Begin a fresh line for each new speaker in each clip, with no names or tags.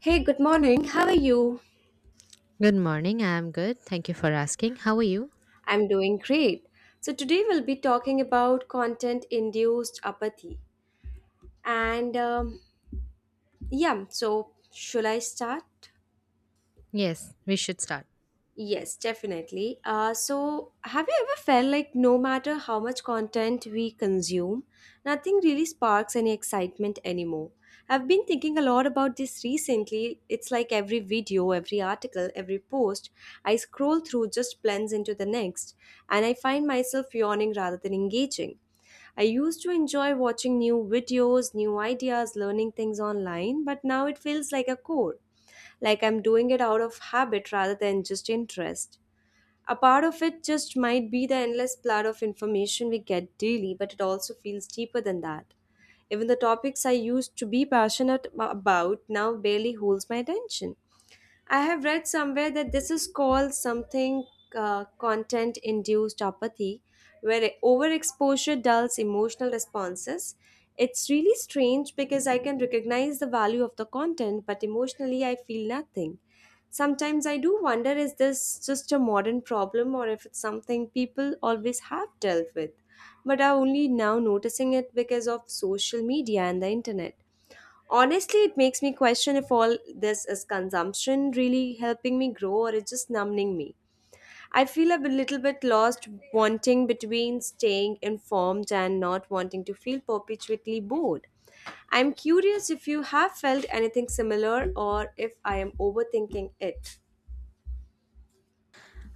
Hey, good morning. How are you?
Good morning. I'm good. Thank you for asking. How are you?
I'm doing great. So, today we'll be talking about content induced apathy. And yeah, so should I start?
Yes, we should start.
Yes, definitely. So, have you ever felt like no matter how much content we consume, nothing really sparks any excitement anymore? I've been thinking a lot about this recently. It's like every video, every article, every post I scroll through just blends into the next, and I find myself yawning rather than engaging. I used to enjoy watching new videos, new ideas, learning things online, but now it feels like a chore, like I'm doing it out of habit rather than just interest. A part of it just might be the endless flood of information we get daily, but it also feels deeper than that. Even the topics I used to be passionate about now barely holds my attention. I have read somewhere that this is called something content induced apathy, where overexposure dulls emotional responses. It's really strange because I can recognize the value of the content, but emotionally I feel nothing. Sometimes I do wonder, is this just a modern problem or if it's something people always have dealt with, but are only now noticing it because of social media and the internet. Honestly, it makes me question if all this is consumption really helping me grow or it's just numbing me. I feel a little bit lost, wanting between staying informed and not wanting to feel perpetually bored. I'm curious if you have felt anything similar or if I am overthinking it.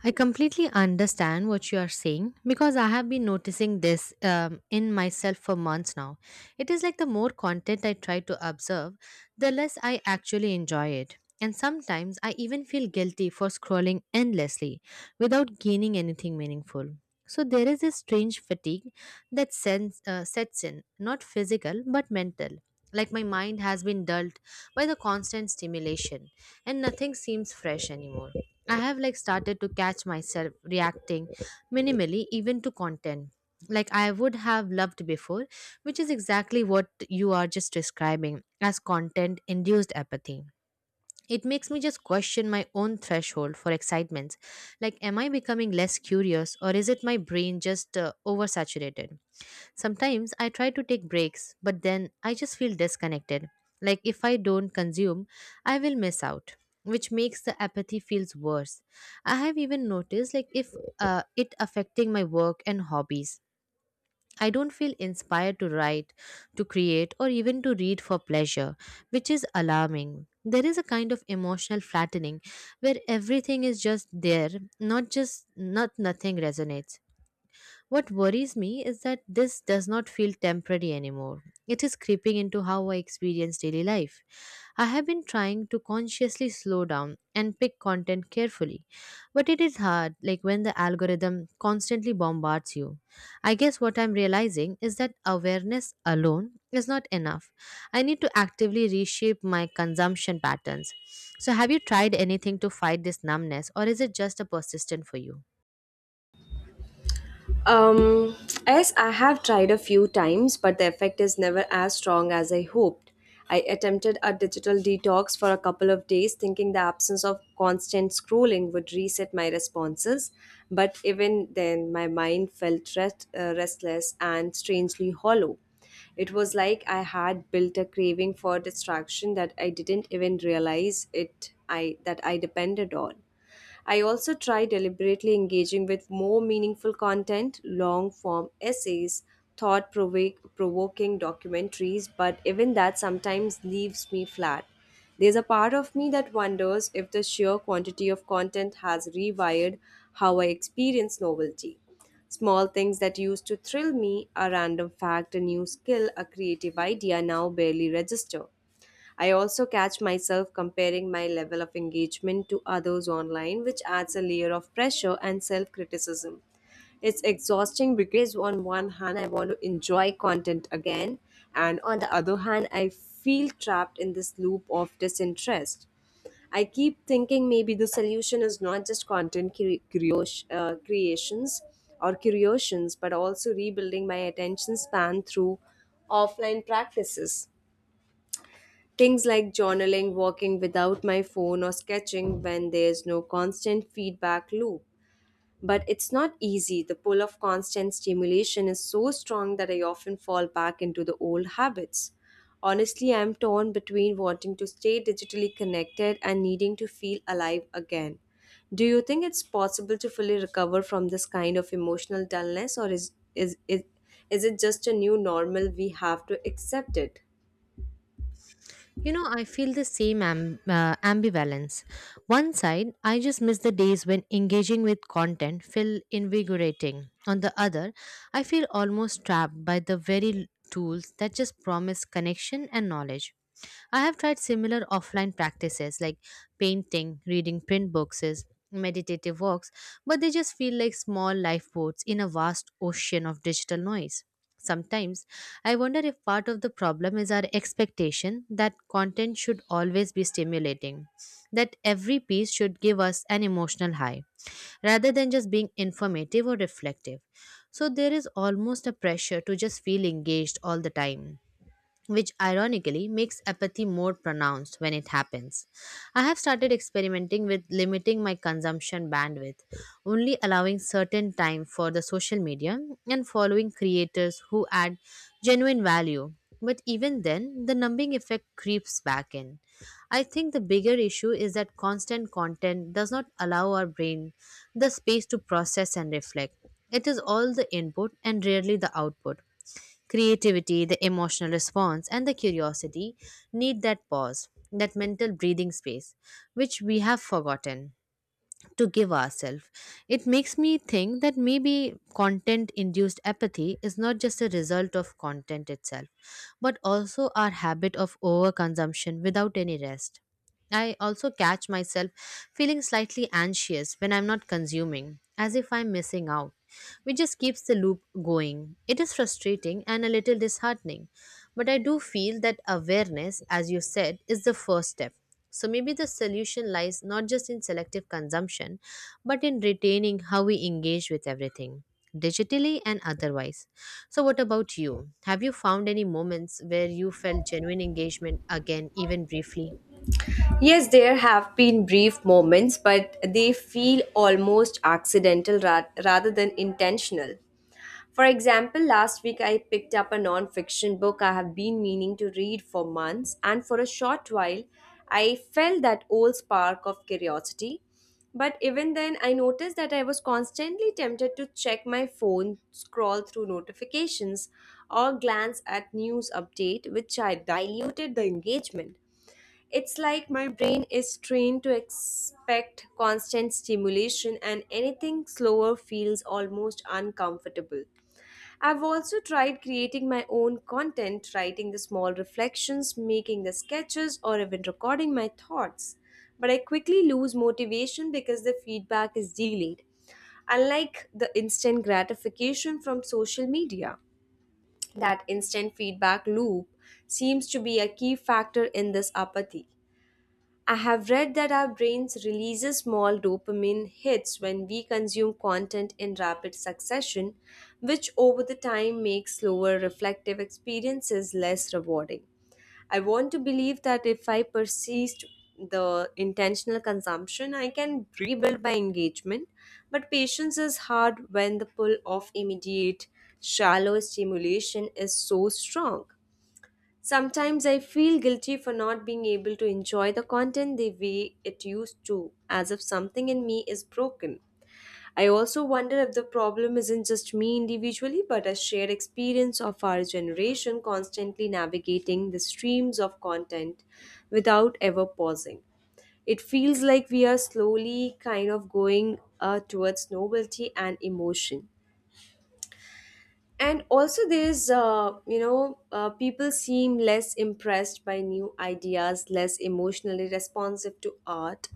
I completely understand what you are saying because I have been noticing this in myself for months now. It is like the more content I try to observe, the less I actually enjoy it. And sometimes I even feel guilty for scrolling endlessly without gaining anything meaningful. So there is this strange fatigue that sets in, not physical but mental. Like my mind has been dulled by the constant stimulation and nothing seems fresh anymore. I have like started to catch myself reacting minimally even to content like I would have loved before, which is exactly what you are just describing as content induced apathy. It makes me just question my own threshold for excitements. Like, am I becoming less curious or is it my brain just oversaturated? Sometimes I try to take breaks, but then I just feel disconnected. Like if I don't consume, I will miss out, which makes the apathy feels worse. I have even noticed like if it affecting my work and hobbies. I don't feel inspired to write, to create, or even to read for pleasure, which is alarming. There is a kind of emotional flattening where everything is just there, not nothing resonates. What worries me is that this does not feel temporary anymore. It is creeping into how I experience daily life. I have been trying to consciously slow down and pick content carefully, but it is hard, like when the algorithm constantly bombards you. I guess what I'm realizing is that awareness alone is not enough. I need to actively reshape my consumption patterns. So, have you tried anything to fight this numbness, or is it just a persistent for you?
Um, yes, I have tried a few times, but the effect is never as strong as I hoped. I attempted a digital detox for a couple of days, thinking the absence of constant scrolling would reset my responses. But even then, my mind felt restless and strangely hollow. It was like I had built a craving for distraction that I didn't even realize it I that I depended on. I also try deliberately engaging with more meaningful content, long form essays, thought provoking documentaries, but even that sometimes leaves me flat. There's a part of me that wonders if the sheer quantity of content has rewired how I experience novelty. Small things that used to thrill me, a random fact, a new skill, a creative idea now barely register. I also catch myself comparing my level of engagement to others online, which adds a layer of pressure and self criticism. It's exhausting because, on one hand, I want to enjoy content again, and on the other hand, I feel trapped in this loop of disinterest. I keep thinking maybe the solution is not just content creations or curations, but also rebuilding my attention span through offline practices. Things like journaling, walking without my phone, or sketching when there's no constant feedback loop. But it's not easy. The pull of constant stimulation is so strong that I often fall back into the old habits. Honestly, I'm torn between wanting to stay digitally connected and needing to feel alive again. Do you think it's possible to fully recover from this kind of emotional dullness, or is it just a new normal we have to accept it?
You know, I feel the same ambivalence. One side, I just miss the days when engaging with content feel invigorating. On the other, I feel almost trapped by the very tools that just promise connection and knowledge. I have tried similar offline practices like painting, reading print boxes, meditative walks, but they just feel like small lifeboats in a vast ocean of digital noise. Sometimes I wonder if part of the problem is our expectation that content should always be stimulating, that every piece should give us an emotional high, rather than just being informative or reflective. So there is almost a pressure to just feel engaged all the time which ironically makes apathy more pronounced when it happens. I have started experimenting with limiting my consumption bandwidth, only allowing certain time for the social media and following creators who add genuine value. But even then, the numbing effect creeps back in. I think the bigger issue is that constant content does not allow our brain the space to process and reflect. It is all the input and rarely the output. Creativity, the emotional response, and the curiosity need that pause, that mental breathing space, which we have forgotten to give ourselves. It makes me think that maybe content induced apathy is not just a result of content itself, but also our habit of overconsumption without any rest. I also catch myself feeling slightly anxious when I'm not consuming, as if I'm missing out, which just keeps the loop going. It is frustrating and a little disheartening, but I do feel that awareness, as you said, is the first step. So maybe the solution lies not just in selective consumption, but in retaining how we engage with everything, digitally and otherwise. So, what about you? Have you found any moments where you felt genuine engagement again, even briefly?
Yes, there have been brief moments, but they feel almost accidental rather than intentional. For example, last week I picked up a non fiction book I have been meaning to read for months, and for a short while I felt that old spark of curiosity. But even then, I noticed that I was constantly tempted to check my phone, scroll through notifications, or glance at news update, which I diluted the engagement. It's like my brain is trained to expect constant stimulation, and anything slower feels almost uncomfortable. I've also tried creating my own content, writing the small reflections, making the sketches, or even recording my thoughts. But I quickly lose motivation because the feedback is delayed, unlike the instant gratification from social media. That instant feedback loop seems to be a key factor in this apathy. I have read that our brains releases small dopamine hits when we consume content in rapid succession, which over the time makes slower reflective experiences less rewarding. I want to believe that if I persist the intentional consumption, I can rebuild my engagement. But patience is hard when the pull of immediate, shallow stimulation is so strong. Sometimes I feel guilty for not being able to enjoy the content the way it used to, as if something in me is broken. I also wonder if the problem isn't just me individually, but a shared experience of our generation constantly navigating the streams of content without ever pausing. It feels like we are slowly kind of going towards novelty and emotion, and also there's people seem less impressed by new ideas, less emotionally responsive to art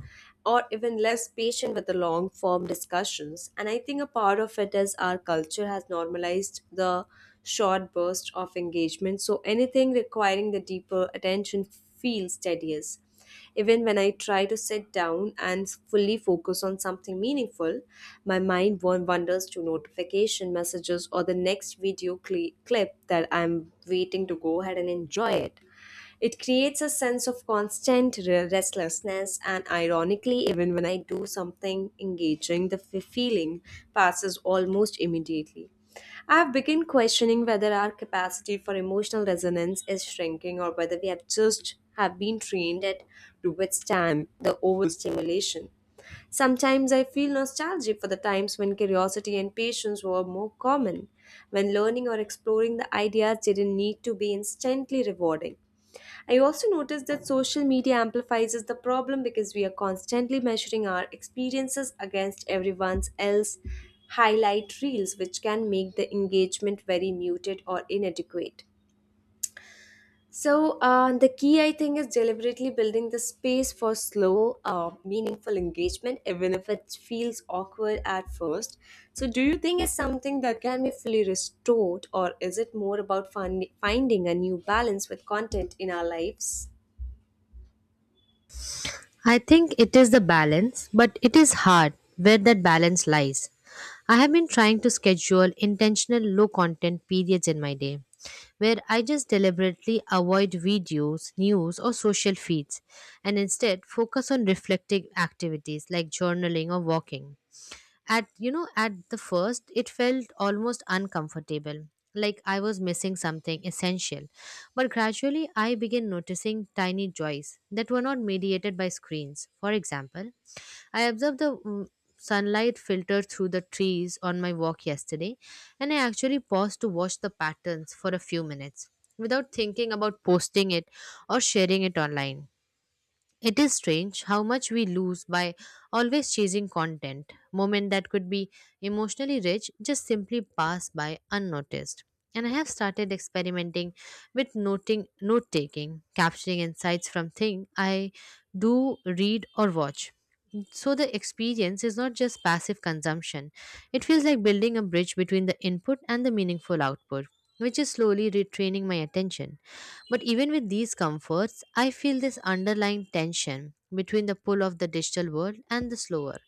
or even less patient with the long form discussions. And I think a part of it is our culture has normalized the short burst of engagement, so anything requiring the deeper attention feels tedious. Even when I try to sit down and fully focus on something meaningful, my mind wanders to notification messages or the next video cle clip that I'm waiting to go ahead and enjoy it. It creates a sense of constant restlessness, and ironically, even when I do something engaging, the feeling passes almost immediately. I've begun questioning whether our capacity for emotional resonance is shrinking or whether we have just have been trained at to withstand the overstimulation. Sometimes I feel nostalgic for the times when curiosity and patience were more common, when learning or exploring the ideas didn't need to be instantly rewarding. I also noticed that social media amplifies the problem because we are constantly measuring our experiences against everyone else's highlight reels, which can make the engagement very muted or inadequate. So, the key, I think, is deliberately building the space for slow, meaningful engagement, even if it feels awkward at first. So, do you think it's something that can be fully restored, or is it more about finding a new balance with content in our lives?
I think it is the balance, but it is hard where that balance lies. I have been trying to schedule intentional low content periods in my day where I just deliberately avoid videos, news, or social feeds and instead focus on reflective activities like journaling or walking. At the first, it felt almost uncomfortable, like I was missing something essential. But gradually, I began noticing tiny joys that were not mediated by screens. For example, I observed the sunlight filter through the trees on my walk yesterday, and I actually paused to watch the patterns for a few minutes without thinking about posting it or sharing it online. It is strange how much we lose by always chasing content. Moments that could be emotionally rich just simply pass by unnoticed. And I have started experimenting with noting note taking, capturing insights from things I do read or watch. So the experience is not just passive consumption. It feels like building a bridge between the input and the meaningful output, which is slowly retraining my attention. But even with these comforts, I feel this underlying tension between the pull of the digital world and the slower,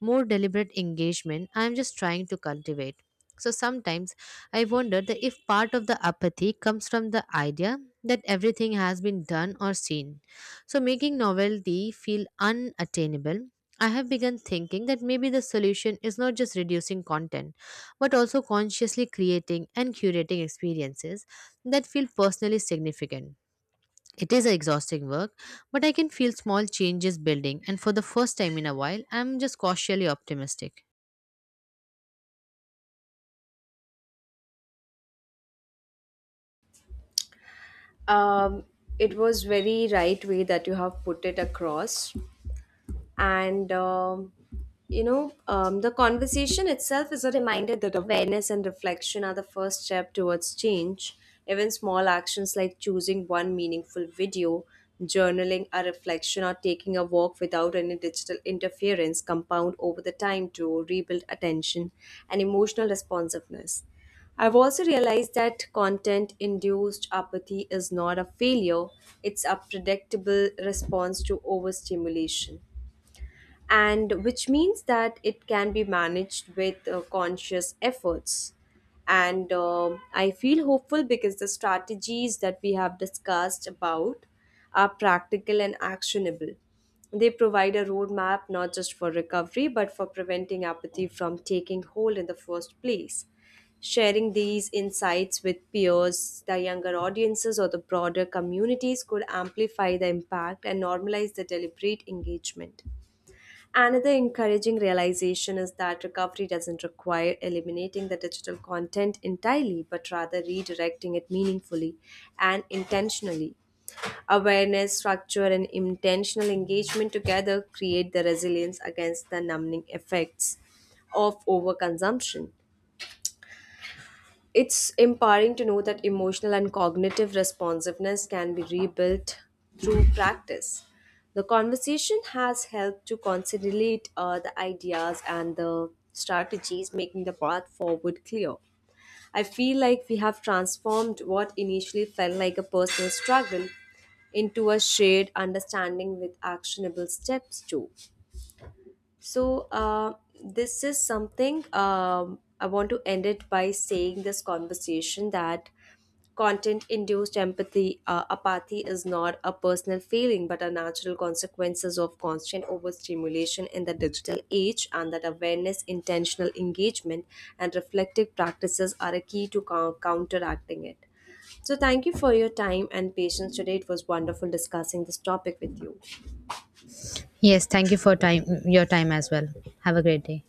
more deliberate engagement I am just trying to cultivate. So sometimes I wonder that if part of the apathy comes from the idea that everything has been done or seen. So making novelty feel unattainable, I have begun thinking that maybe the solution is not just reducing content, but also consciously creating and curating experiences that feel personally significant it is a exhausting work, but I can feel small changes building, and for the first time in a while, I'm just cautiously optimistic.
Um, it was very right way that you have put it across, and the conversation itself is a reminder that awareness and reflection are the first step towards change. Even small actions like choosing one meaningful video, journaling a reflection, or taking a walk without any digital interference compound over the time to rebuild attention and emotional responsiveness. I've also realized that content induced apathy is not a failure, it's a predictable response to overstimulation, and which means that it can be managed with conscious efforts. And I feel hopeful because the strategies that we have discussed about are practical and actionable. They provide a roadmap not just for recovery but for preventing apathy from taking hold in the first place. Sharing these insights with peers, the younger audiences, or the broader communities could amplify the impact and normalize the deliberate engagement. Another encouraging realization is that recovery doesn't require eliminating the digital content entirely, but rather redirecting it meaningfully and intentionally. Awareness, structure, and intentional engagement together create the resilience against the numbing effects of overconsumption. It's empowering to know that emotional and cognitive responsiveness can be rebuilt through practice. The conversation has helped to consolidate the ideas and the strategies, making the path forward clear. I feel like we have transformed what initially felt like a personal struggle into a shared understanding with actionable steps, too. So, this is something I want to end it by saying this conversation that content induced apathy is not a personal feeling but a natural consequences of constant overstimulation in the digital age, and that awareness, intentional engagement, and reflective practices are a key to counteracting it. So, thank you for your time and patience today. It was wonderful discussing this topic with you.
Yes, thank you for time your time as well. Have a great day.